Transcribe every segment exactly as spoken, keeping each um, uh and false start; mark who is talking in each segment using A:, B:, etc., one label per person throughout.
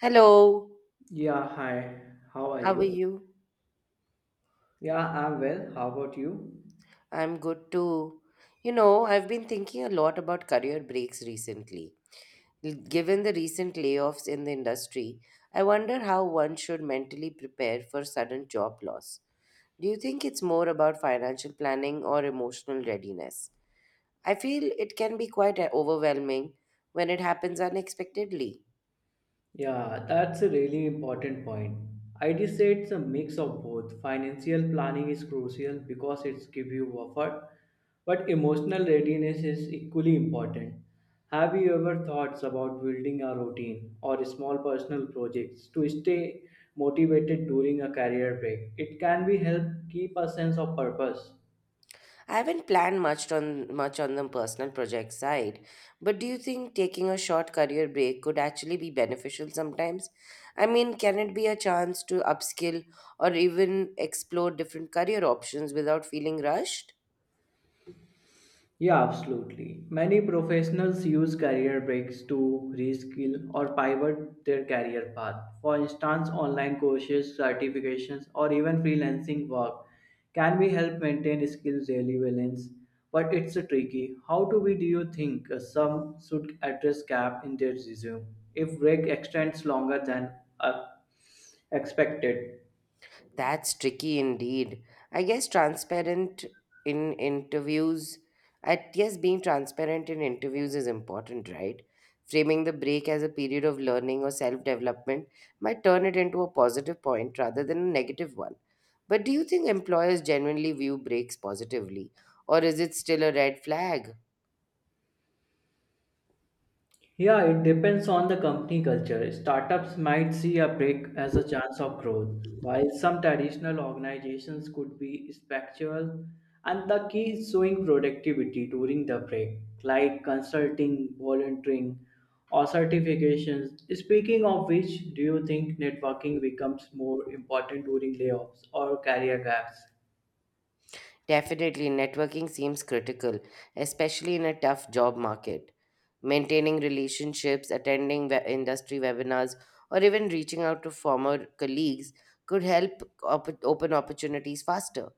A: Hello,
B: Yeah, hi. How are
A: how are
B: you?
A: you?
B: Yeah, I'm well. How about you?
A: I'm good too. You know, I've been thinking a lot about career breaks recently. L- Given the recent layoffs in the industry, I wonder how one should mentally prepare for sudden job loss. Do you think it's more about financial planning or emotional readiness? I feel it can be quite uh, overwhelming when it happens unexpectedly.
B: Yeah, that's a really important point. I'd say it's a mix of both. Financial planning is crucial because it's give you buffer, but emotional readiness is equally important. Have you ever thoughts about building a routine or small personal projects to stay motivated during a career break? It can be help keep a sense of purpose.
A: I haven't planned much on much on the personal project side, but do you think taking a short career break could actually be beneficial sometimes? I mean, can it be a chance to upskill or even explore different career options without feeling rushed?
B: Yeah, absolutely. Many professionals use career breaks to reskill or pivot their career path. For instance, online courses, certifications, or even freelancing work can we help maintain skills daily balance, but it's tricky. How do we do you think uh, some should address gap in their resume if break extends longer than uh, expected?
A: That's tricky indeed. I guess transparent in interviews, I guess being transparent in interviews is important, right? Framing the break as a period of learning or self development might turn it into a positive point rather than a negative one. But do you think employers genuinely view breaks positively, or is it still a red flag?
B: Yeah, it depends on the company culture. Startups might see a break as a chance of growth, while some traditional organizations could be spectral. And the key is showing productivity during the break, like consulting, volunteering, or certifications. Speaking of which, do you think networking becomes more important during layoffs or career gaps?
A: Definitely, networking seems critical, especially in a tough job market. Maintaining relationships, attending we- industry webinars, or even reaching out to former colleagues could help op- open opportunities faster.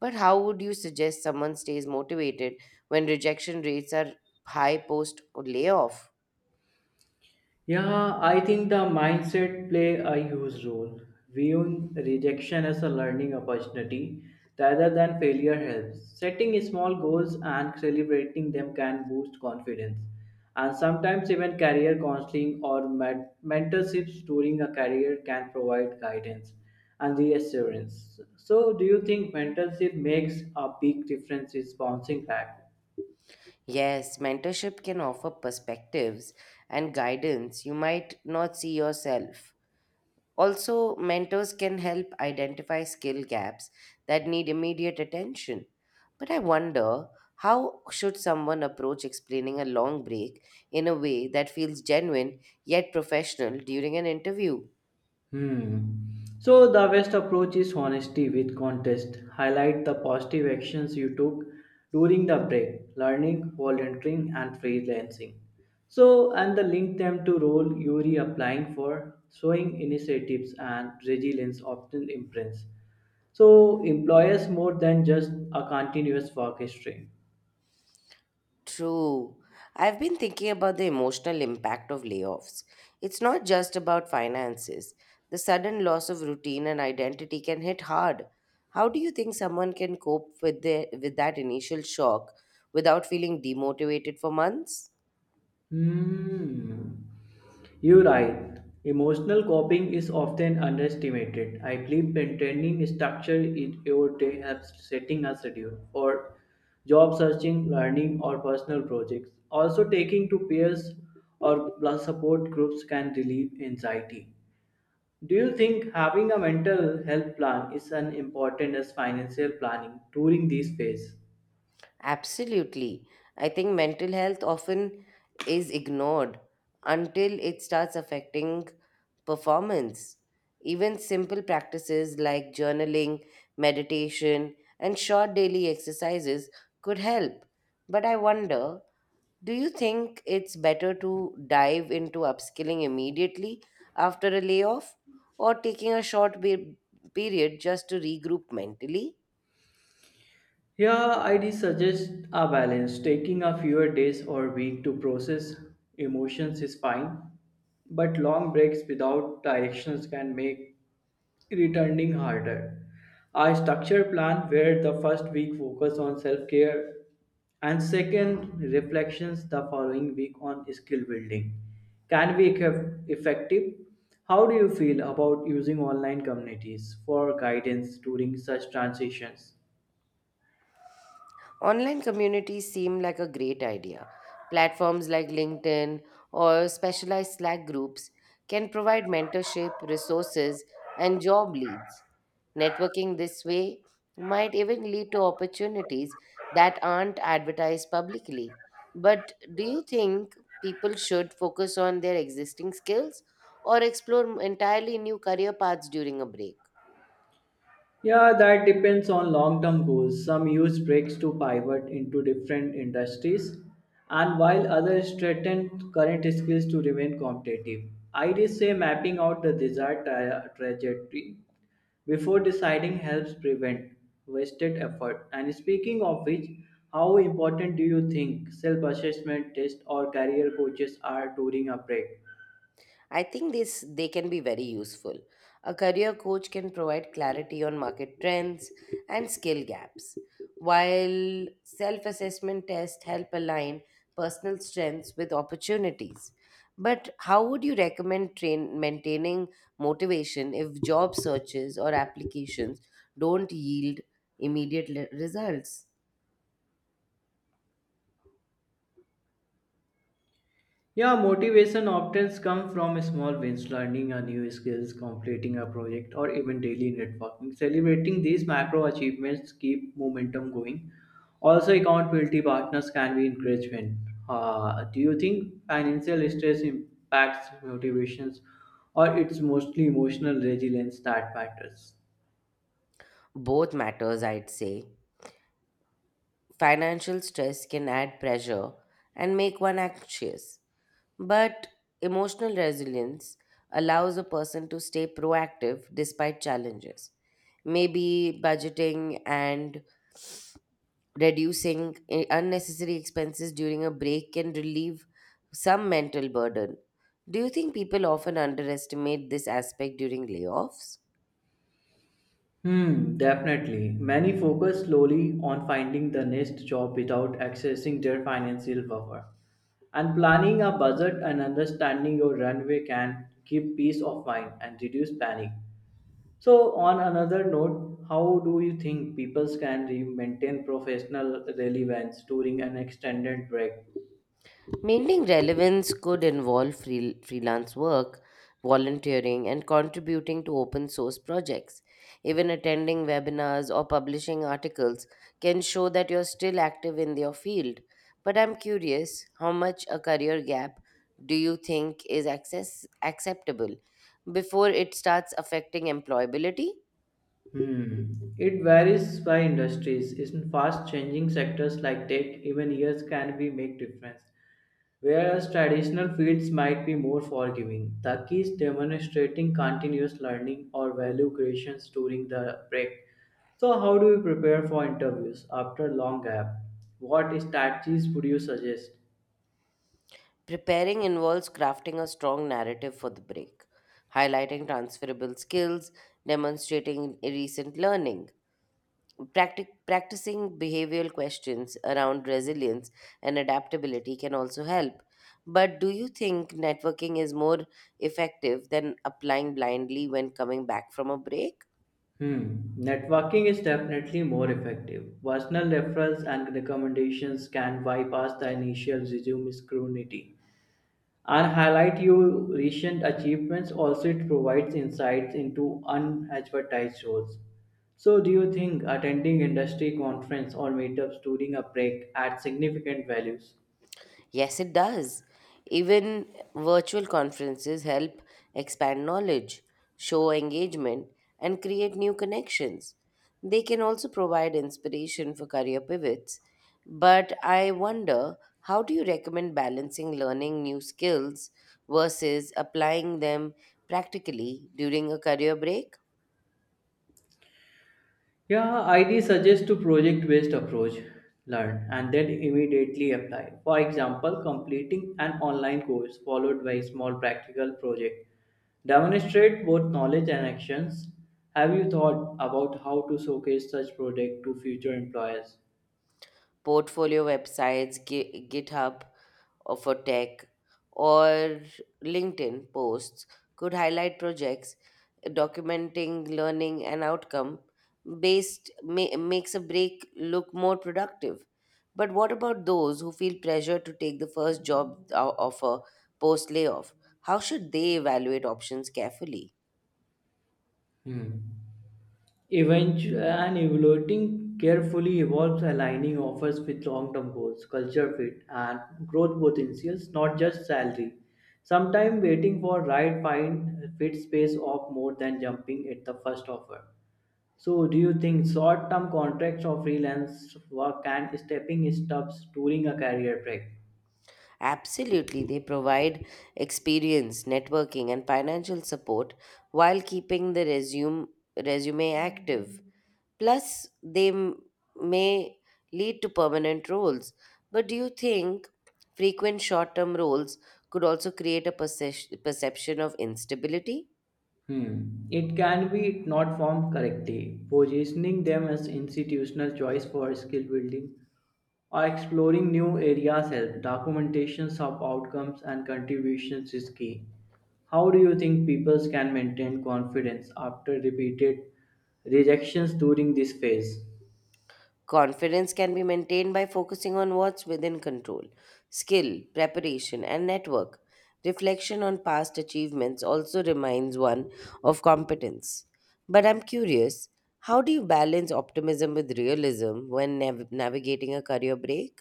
A: But how would you suggest someone stays motivated when rejection rates are high post or layoff?
B: Yeah, I think the mindset play a huge role. Viewing rejection as a learning opportunity rather than failure helps. Setting small goals and celebrating them can boost confidence. And sometimes even career counseling or men- mentorships during a career can provide guidance and reassurance. So do you think mentorship makes a big difference in bouncing back?
A: Yes, mentorship can offer perspectives and guidance you might not see yourself. Also, mentors can help identify skill gaps that need immediate attention. But I wonder how should someone approach explaining a long break in a way that feels genuine yet professional during an interview?
B: Hmm. So the best approach is honesty with contest. Highlight the positive actions you took during the break, learning, volunteering, and freelancing. So and the link them to role you are applying for, showing initiatives and resilience often imprints. So employers more than just a continuous work history.
A: True. I've been thinking about the emotional impact of layoffs. It's not just about finances. The sudden loss of routine and identity can hit hard. How do you think someone can cope with the with that initial shock without feeling demotivated for months?
B: Hmm. You're right. Emotional coping is often underestimated. I believe maintaining structure in your day helps setting a schedule for job searching, learning, or personal projects. Also, taking to peers or plus support groups can relieve anxiety. Do you think having a mental health plan is as important as financial planning during this phase?
A: Absolutely. I think mental health often is ignored until it starts affecting performance. Even simple practices like journaling, meditation, and short daily exercises could help. But I wonder, do you think it's better to dive into upskilling immediately after a layoff or taking a short be- period just to regroup mentally?
B: Yeah, I'd suggest a balance. Taking a fewer days or week to process emotions is fine, but long breaks without directions can make returning harder. A structured plan where the first week focus on self-care and second reflections the following week on skill building can be eff- effective. How do you feel about using online communities for guidance during such transitions?
A: Online communities seem like a great idea. Platforms like LinkedIn or specialized Slack groups can provide mentorship, resources, and job leads. Networking this way might even lead to opportunities that aren't advertised publicly. But do you think people should focus on their existing skills or explore entirely new career paths during a break?
B: Yeah, that depends on long term goals. Some use breaks to pivot into different industries, and while others strengthen current skills to remain competitive. I'd say mapping out the desired tra- trajectory before deciding helps prevent wasted effort. And speaking of which, how important do you think self assessment tests or career coaches are during a break?
A: I think this they can be very useful. A career coach can provide clarity on market trends and skill gaps, while self-assessment tests help align personal strengths with opportunities. But how would you recommend train maintaining motivation if job searches or applications don't yield immediate le- results?
B: Yeah, motivation often comes from small wins, learning a new skills, completing a project, or even daily networking. Celebrating these macro achievements keep momentum going. Also, accountability partners can be encouragement. Uh, do you think financial stress impacts motivations, or it's mostly emotional resilience that matters?
A: Both matters, I'd say. Financial stress can add pressure and make one anxious. But emotional resilience allows a person to stay proactive despite challenges. Maybe budgeting and reducing i- unnecessary expenses during a break can relieve some mental burden. Do you think people often underestimate this aspect during layoffs?
B: Hmm, definitely. Many focus slowly on finding the next job without accessing their financial buffer. And planning a budget and understanding your runway can give peace of mind and reduce panic. So, on another note, how do you think people can re- maintain professional relevance during an extended break?
A: Maintaining relevance could involve freel- freelance work, volunteering, and contributing to open source projects. Even attending webinars or publishing articles can show that you're still active in your field. But I'm curious, how much a career gap do you think is access- acceptable before it starts affecting employability?
B: Hmm. It varies by industries. In fast changing sectors like tech, even years can be make difference. Whereas traditional fields might be more forgiving. The key is demonstrating continuous learning or value creations during the break. So how do you prepare for interviews after long gap? What strategies would you suggest?
A: Preparing involves crafting a strong narrative for the break, highlighting transferable skills, demonstrating recent learning. Practic- practicing behavioral questions around resilience and adaptability can also help. But do you think networking is more effective than applying blindly when coming back from a break?
B: Hmm. Networking is definitely more effective. Personal referrals and recommendations can bypass the initial resume scrutiny and highlight your recent achievements. Also, it provides insights into unadvertised roles. So, do you think attending industry conference or meetups during a break adds significant values?
A: Yes, it does. Even virtual conferences help expand knowledge, show engagement, and create new connections. They can also provide inspiration for career pivots. But I wonder, how do you recommend balancing learning new skills versus applying them practically during a career break?
B: Yeah, I D suggests to project-based approach, learn, and then immediately apply. For example, completing an online course followed by a small practical project. Demonstrate both knowledge and actions. Have you thought about how to showcase such project to future employers?
A: Portfolio websites, Gi- GitHub, or for tech or LinkedIn posts could highlight projects documenting learning and outcome based ma- makes a break look more productive. But what about those who feel pressure to take the first job o- offer post layoff? How should they evaluate options carefully?
B: Hmm. Eventu- and evaluating carefully involves aligning offers with long-term goals, culture fit, and growth potentials, not just salary. Sometimes waiting for right find fit space off more than jumping at the first offer. So, do you think short-term contracts or freelance work can stepping stops during a career break?
A: Absolutely, they provide experience, networking, and financial support while keeping the resume resume active. Plus, they m- may lead to permanent roles. But do you think frequent short term roles could also create a perce- perception of instability?
B: Hmm. It can be not formed correctly, positioning them as institutional choice for skill building or exploring new areas help. Documentations of outcomes and contributions is key. How do you think people can maintain confidence after repeated rejections during this phase?
A: Confidence can be maintained by focusing on what's within control: skill, preparation, and network. Reflection on past achievements also reminds one of competence. But I'm curious, how do you balance optimism with realism when nav- navigating a career break?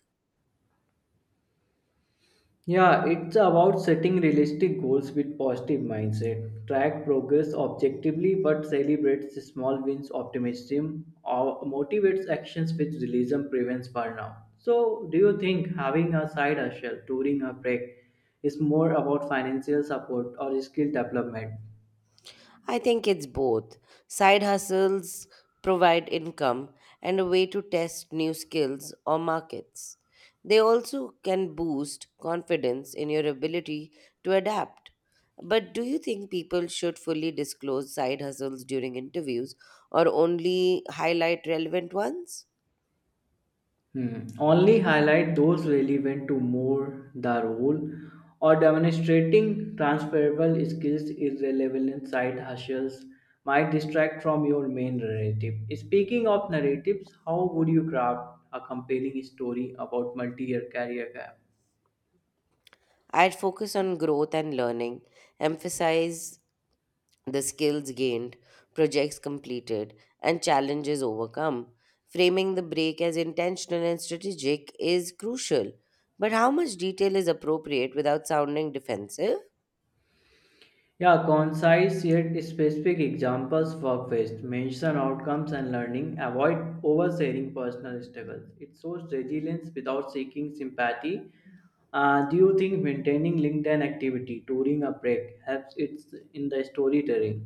B: Yeah, it's about setting realistic goals with positive mindset. Track progress objectively but celebrates small wins. Optimism or motivates actions with realism prevents burnout. So, do you think having a side hustle during a break is more about financial support or skill development?
A: I think it's both. Side hustles provide income and a way to test new skills or markets. They also can boost confidence in your ability to adapt. But do you think people should fully disclose side hustles during interviews or only highlight relevant ones?
B: Hmm. Only highlight those relevant to more the role or demonstrating transferable skills is relevant side hustles might distract from your main narrative. Speaking of narratives, how would you craft a compelling story about multi-year career gap?
A: I'd focus on growth and learning, emphasize the skills gained, projects completed, and challenges overcome. Framing the break as intentional and strategic is crucial. But how much detail is appropriate without sounding defensive?
B: Yeah, concise yet specific examples work best. Mention outcomes and learning. Avoid oversharing personal struggles. It shows resilience without seeking sympathy. Uh, do you think maintaining LinkedIn activity during a break helps it in the storytelling?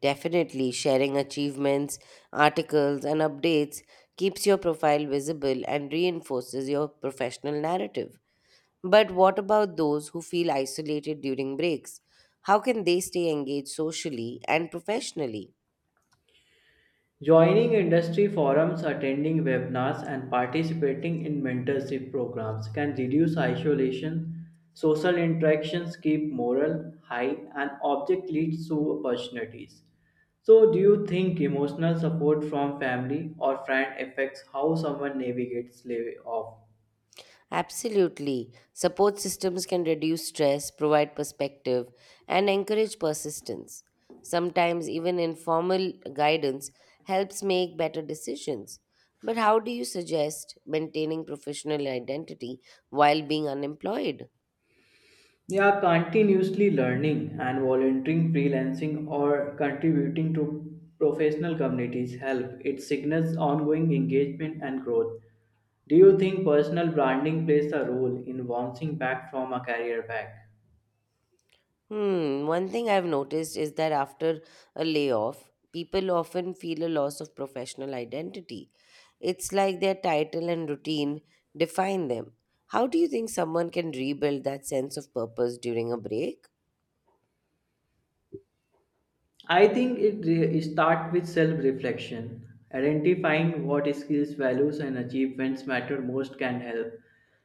A: Definitely, sharing achievements, articles, and updates keeps your profile visible and reinforces your professional narrative. But what about those who feel isolated during breaks? How can they stay engaged socially and professionally?
B: Joining industry forums, attending webinars, and participating in mentorship programs can reduce isolation. Social interactions keep morale high, and object leads to opportunities. So, do you think emotional support from family or friend affects how someone navigates layoff?
A: Absolutely. Support systems can reduce stress, provide perspective, and encourage persistence. Sometimes, even informal guidance helps make better decisions. But how do you suggest maintaining professional identity while being unemployed?
B: Yeah, continuously learning and volunteering, freelancing, or contributing to professional communities help. It signals ongoing engagement and growth. Do you think personal branding plays a role in bouncing back from a career back?
A: Hmm, one thing I've noticed is that after a layoff, people often feel a loss of professional identity. It's like their title and routine define them. How do you think someone can rebuild that sense of purpose during a break?
B: I think it re- start with self-reflection. Identifying what skills, values, and achievements matter most can help.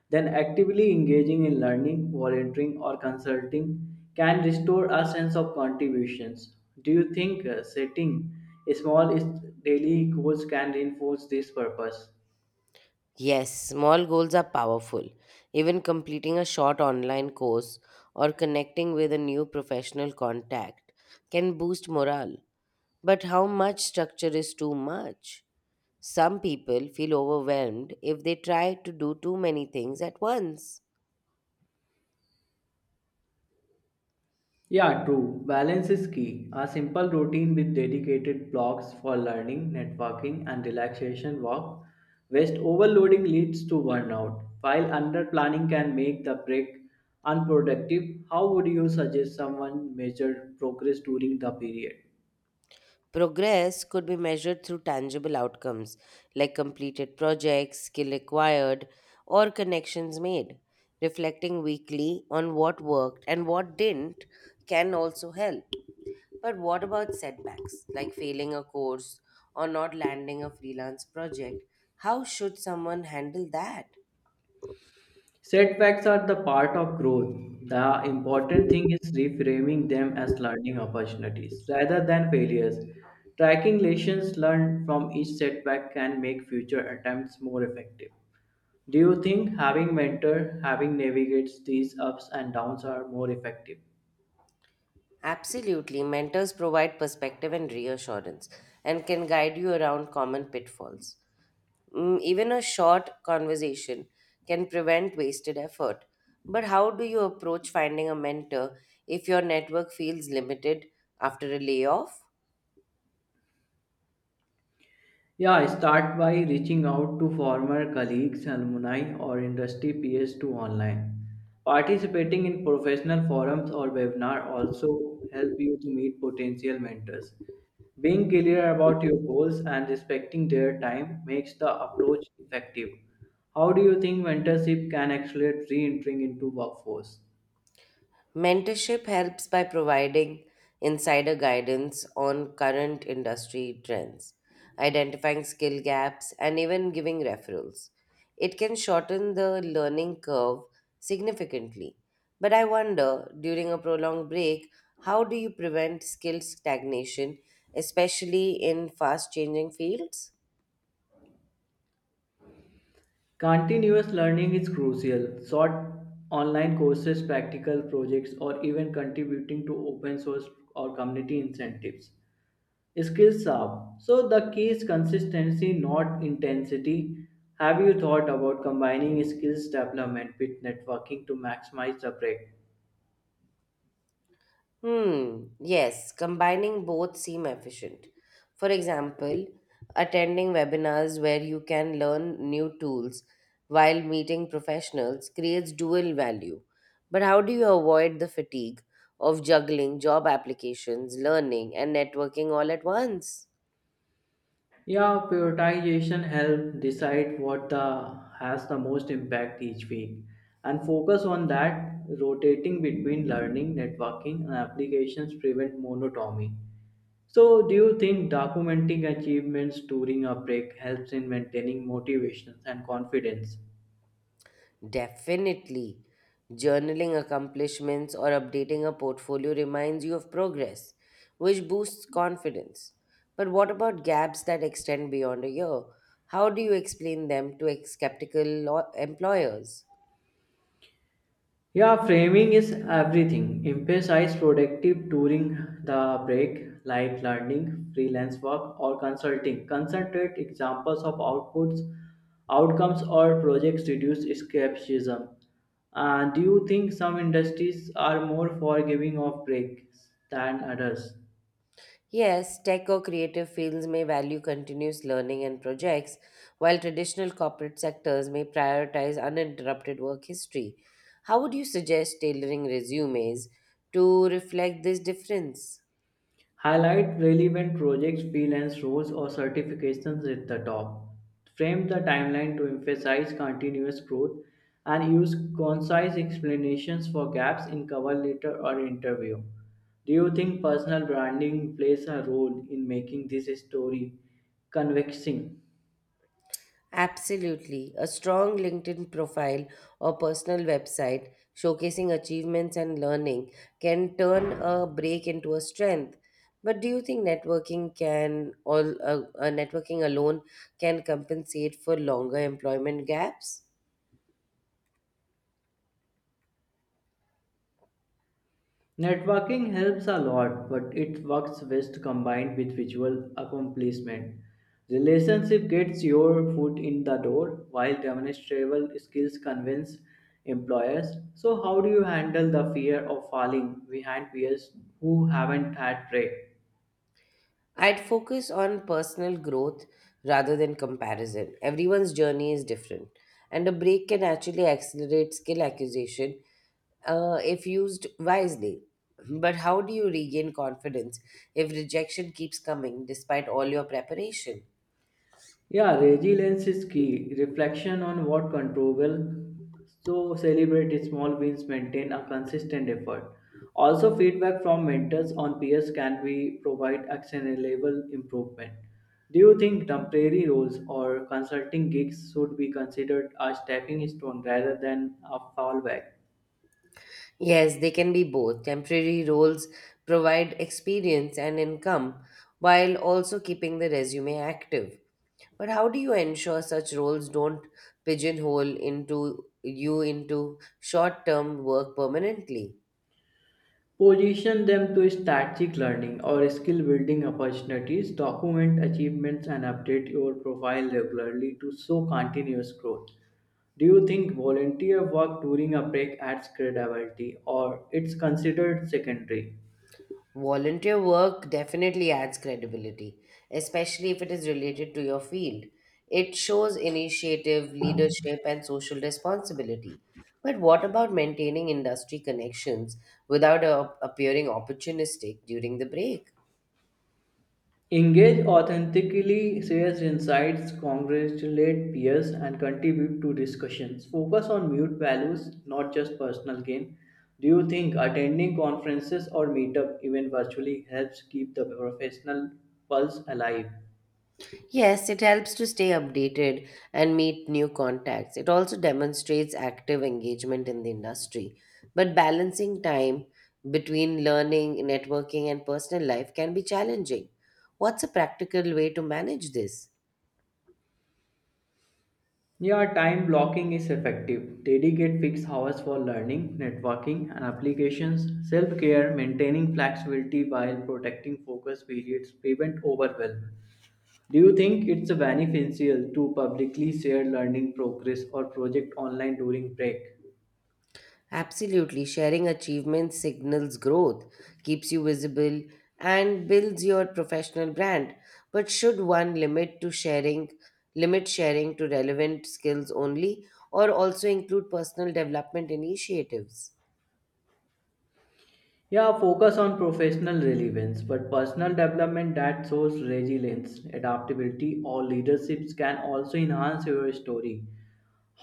B: Then actively engaging in learning, volunteering, or consulting can restore a sense of contributions. Do you think uh, setting small is- daily goals can reinforce this purpose?
A: Yes, small goals are powerful. Even completing a short online course or connecting with a new professional contact can boost morale. But how much structure is too much? Some people feel overwhelmed if they try to do too many things at once.
B: Yeah, true. Balance is key. A simple routine with dedicated blocks for learning, networking, and relaxation work. Waste overloading leads to burnout, while underplanning can make the break unproductive. How would you suggest someone measure progress during the period?
A: Progress could be measured through tangible outcomes like completed projects, skill acquired, or connections made. Reflecting weekly on what worked and what didn't can also help. But what about setbacks like failing a course or not landing a freelance project? How should someone handle that?
B: Setbacks are the part of growth. The important thing is reframing them as learning opportunities rather than failures. Tracking lessons learned from each setback can make future attempts more effective. Do you think having mentor, having navigates these ups and downs are more effective?
A: Absolutely. Mentors provide perspective and reassurance and can guide you around common pitfalls. Mm, even a short conversation can prevent wasted effort. But how do you approach finding a mentor if your network feels limited after a layoff?
B: Yeah, start by reaching out to former colleagues, alumni, or industry peers to online. Participating in professional forums or webinar also help you to meet potential mentors. Being clear about your goals and respecting their time makes the approach effective. How do you think mentorship can accelerate re-entering into workforce?
A: Mentorship helps by providing insider guidance on current industry trends, identifying skill gaps, and even giving referrals. It can shorten the learning curve significantly. But I wonder, during a prolonged break, how do you prevent skill stagnation, especially in fast changing fields?
B: Continuous learning is crucial. Short online courses, practical projects, or even contributing to open source or community incentives. Skills up. So the key is consistency, not intensity. Have you thought about combining skills development with networking to maximize the break?
A: Hmm, yes, combining both seem efficient. For example, attending webinars where you can learn new tools while meeting professionals creates dual value. But how do you avoid the fatigue of juggling job applications, learning, and networking all at once?
B: Yeah, prioritization help decide what the has the most impact each week and focus on that rotating between learning, networking and applications prevent monotony. So do you think documenting achievements during a break helps in maintaining motivations and confidence?
A: Definitely. Journaling accomplishments or updating a portfolio reminds you of progress, which boosts confidence. But what about gaps that extend beyond a year? How do you explain them to ex- skeptical lo- employers?
B: Yeah, framing is everything. Emphasize productive during the break, like learning, freelance work, or consulting. Concentrate examples of outputs, outcomes, or projects reduce escapism. And do you think some industries are more forgiving of breaks than others?
A: Yes, tech or creative fields may value continuous learning and projects, while traditional corporate sectors may prioritize uninterrupted work history. How would you suggest tailoring resumes to reflect this difference?
B: Highlight relevant projects, freelance roles, or certifications at the top. Frame the timeline to emphasize continuous growth and use concise explanations for gaps in cover letter or interview. Do you think personal branding plays a role in making this story convincing?
A: Absolutely. A strong LinkedIn profile or personal website showcasing achievements and learning can turn a break into a strength. But do you think networking can all uh, uh, networking alone can compensate for longer employment gaps?
B: Networking helps a lot, but it works best combined with visual accomplishment. Relationship gets your foot in the door, while demonstrable skills convince employers. So, how do you handle the fear of falling behind peers who haven't had break?
A: I'd focus on personal growth rather than comparison. Everyone's journey is different, and a break can actually accelerate skill acquisition uh, if used wisely. But how do you regain confidence if rejection keeps coming despite all your preparation?
B: Yeah, resilience is key. Reflection on what controllable. So celebrate small wins, maintain a consistent effort. Also, feedback from mentors on peers can be provide actionable improvement. Do you think temporary roles or consulting gigs should be considered a stepping stone rather than a fallback?
A: Yes, they can be both. Temporary roles provide experience and income while also keeping the resume active. But how do you ensure such roles don't pigeonhole into you into short-term work permanently?
B: Position them to strategic learning or skill building opportunities, document achievements, and update your profile regularly to show continuous growth. Do you think volunteer work during a break adds credibility or it's considered secondary?
A: Volunteer work definitely adds credibility, especially if it is related to your field. It shows initiative, leadership, and social responsibility. But what about maintaining industry connections without uh, appearing opportunistic during the break?
B: Engage authentically, shares insights, congratulate peers, and contribute to discussions. Focus on mute values, not just personal gain. Do you think attending conferences or meetup, even virtually, helps keep the professional pulse alive?
A: Yes, it helps to stay updated and meet new contacts. It also demonstrates active engagement in the industry. But balancing time between learning, networking, and personal life can be challenging. What's a practical way to manage this?
B: Yeah, time blocking is effective. Dedicate fixed hours for learning, networking, and applications, self care, maintaining flexibility while protecting focus periods, prevent overwhelm. Do you think it's beneficial to publicly share learning progress or project online during break?
A: Absolutely. Sharing achievements signals growth, keeps you visible, and builds your professional brand. But should one limit to sharing limit sharing to relevant skills only or also include personal development initiatives?
B: Yeah, focus on professional relevance, but personal development that shows resilience, adaptability, or leaderships can also enhance your story.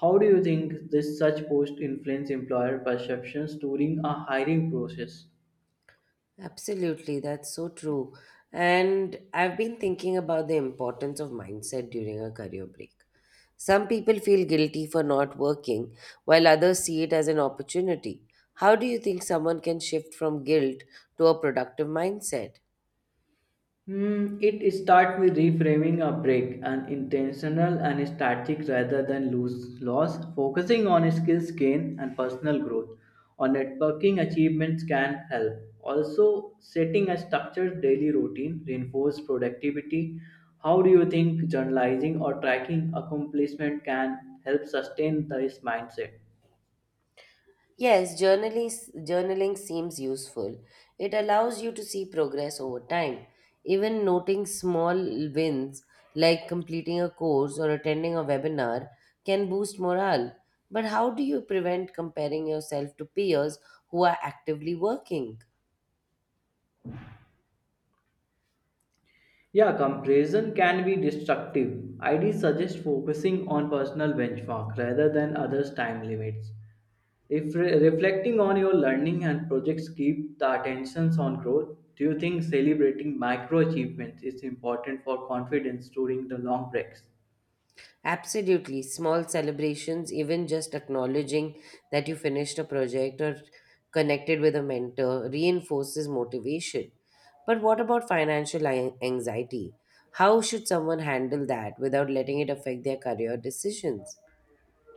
B: How do you think this such post influence employer perceptions during a hiring process?
A: Absolutely, that's so true. And I've been thinking about the importance of mindset during a career break. Some people feel guilty for not working, while others see it as an opportunity. How do you think someone can shift from guilt to a productive mindset?
B: Hmm, it starts with reframing a break and intentional and strategic rather than lose loss, focusing on skills gain and personal growth or networking achievements can help. Also, setting a structured daily routine reinforce productivity. How do you think journalizing or tracking accomplishment can help sustain this mindset?
A: Yes, journaling, journaling seems useful. It allows you to see progress over time. Even noting small wins like completing a course or attending a webinar can boost morale. But how do you prevent comparing yourself to peers who are actively working?
B: Yeah, comparison can be destructive. I D suggests focusing on personal benchmark rather than others' time limits. If re- reflecting on your learning and projects keep the attentions on growth, do you think celebrating micro achievements is important for confidence during the long breaks?
A: Absolutely. Small celebrations, even just acknowledging that you finished a project or connected with a mentor, reinforces motivation. But what about financial an- anxiety? How should someone handle that without letting it affect their career decisions?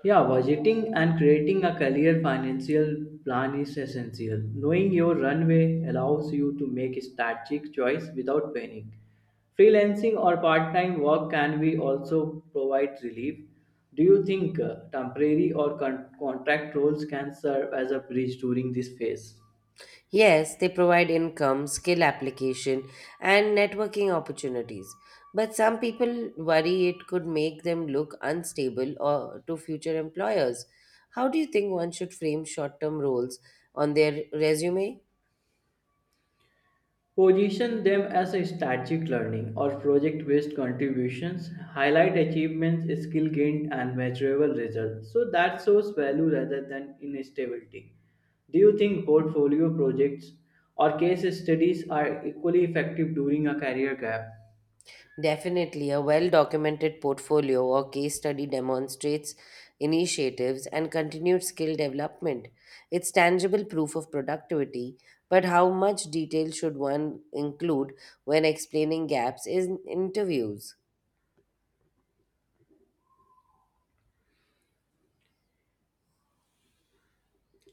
B: Yeah, budgeting and creating a career financial plan is essential. Knowing your runway allows you to make strategic choice without panic. Freelancing or part-time work can be also provide relief. Do you think uh, temporary or con- contract roles can serve as a bridge during this phase?
A: Yes, they provide income, skill application, and networking opportunities. But some people worry it could make them look unstable or to future employers. How do you think one should frame short-term roles on their resume?
B: Position them as a strategic learning or project based contributions, highlight achievements, skill gained, and measurable results. So that shows value rather than instability. Do you think portfolio projects or case studies are equally effective during a career gap?
A: Definitely, a well documented portfolio or case study demonstrates initiatives and continued skill development. It's tangible proof of productivity, but how much detail should one include when explaining gaps in interviews?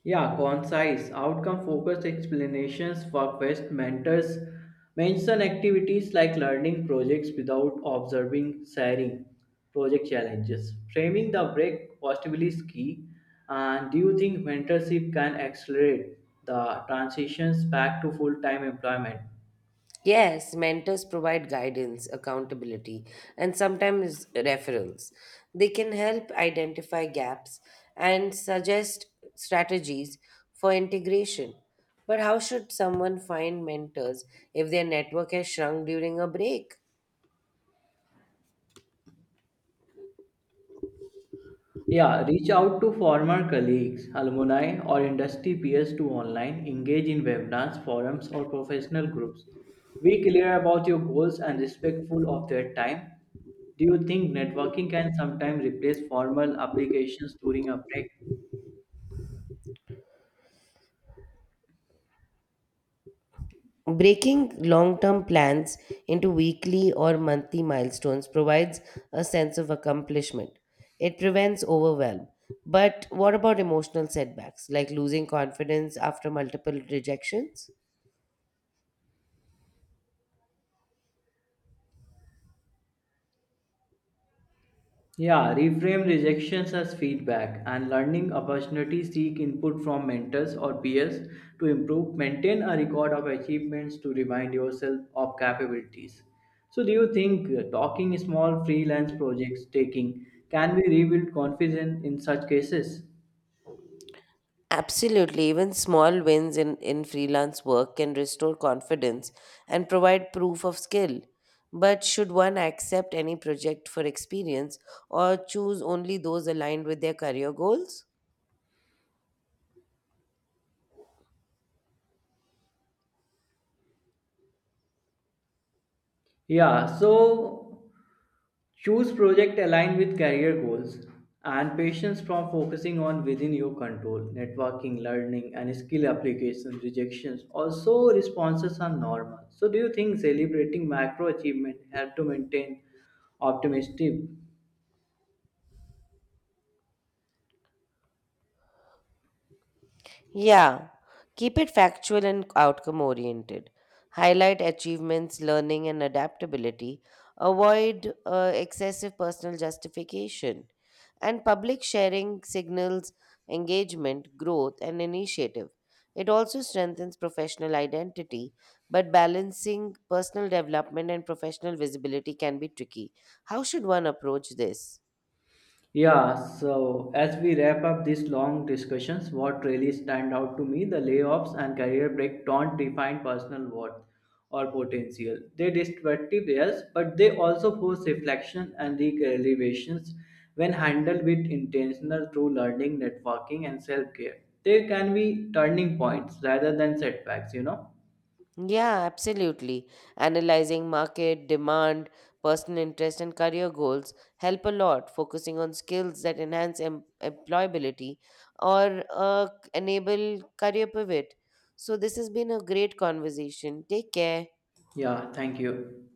B: Yeah, concise, outcome-focused explanations for quest mentors mention activities like learning projects without observing sharing project challenges. Framing the break possibly is key. And do you think mentorship can accelerate the transitions back to full-time employment?
A: Yes, mentors provide guidance, accountability, and sometimes referrals. They can help identify gaps and suggest strategies for integration. But how should someone find mentors if their network has shrunk during a break?
B: Yeah, reach out to former colleagues, alumni, or industry peers to online, engage in webinars, forums, or professional groups. Be clear about your goals and respectful of their time. Do you think networking can sometimes replace formal applications during a break?
A: Breaking long term plans into weekly or monthly milestones provides a sense of accomplishment. It prevents overwhelm. But what about emotional setbacks, like losing confidence after multiple rejections?
B: Yeah, reframe rejections as feedback and learning opportunities seek input from mentors or peers to improve. Maintain a record of achievements to remind yourself of capabilities. So, do you think uh, talking small freelance projects taking can be rebuild confidence in such cases?
A: Absolutely. Even small wins in, in freelance work can restore confidence and provide proof of skill. But should one accept any project for experience or choose only those aligned with their career goals?
B: Yeah, so choose project aligned with career goals and patience from focusing on within your control, networking, learning, and skill application rejections. Also, responses are normal. So, do you think celebrating macro achievement help to maintain optimistic?
A: Yeah, keep it factual and outcome oriented. Highlight achievements, learning, and adaptability. Avoid uh, excessive personal justification. And public sharing signals engagement, growth, and initiative. It also strengthens professional identity, but balancing personal development and professional visibility can be tricky. How should one approach this?
B: Yeah, so as we wrap up these long discussions, what really stand out to me, the layoffs and career break don't define personal worth or potential. They destructive yes, but they also force reflection and recalibrations when handled with intentional through learning, networking, and self-care. They can be turning points rather than setbacks, you know?
A: Yeah, absolutely. Analyzing market, demand, personal interest, and career goals help a lot. Focusing on skills that enhance em- employability or uh, enable career pivot. So, this has been a great conversation. Take care.
B: Yeah, thank you.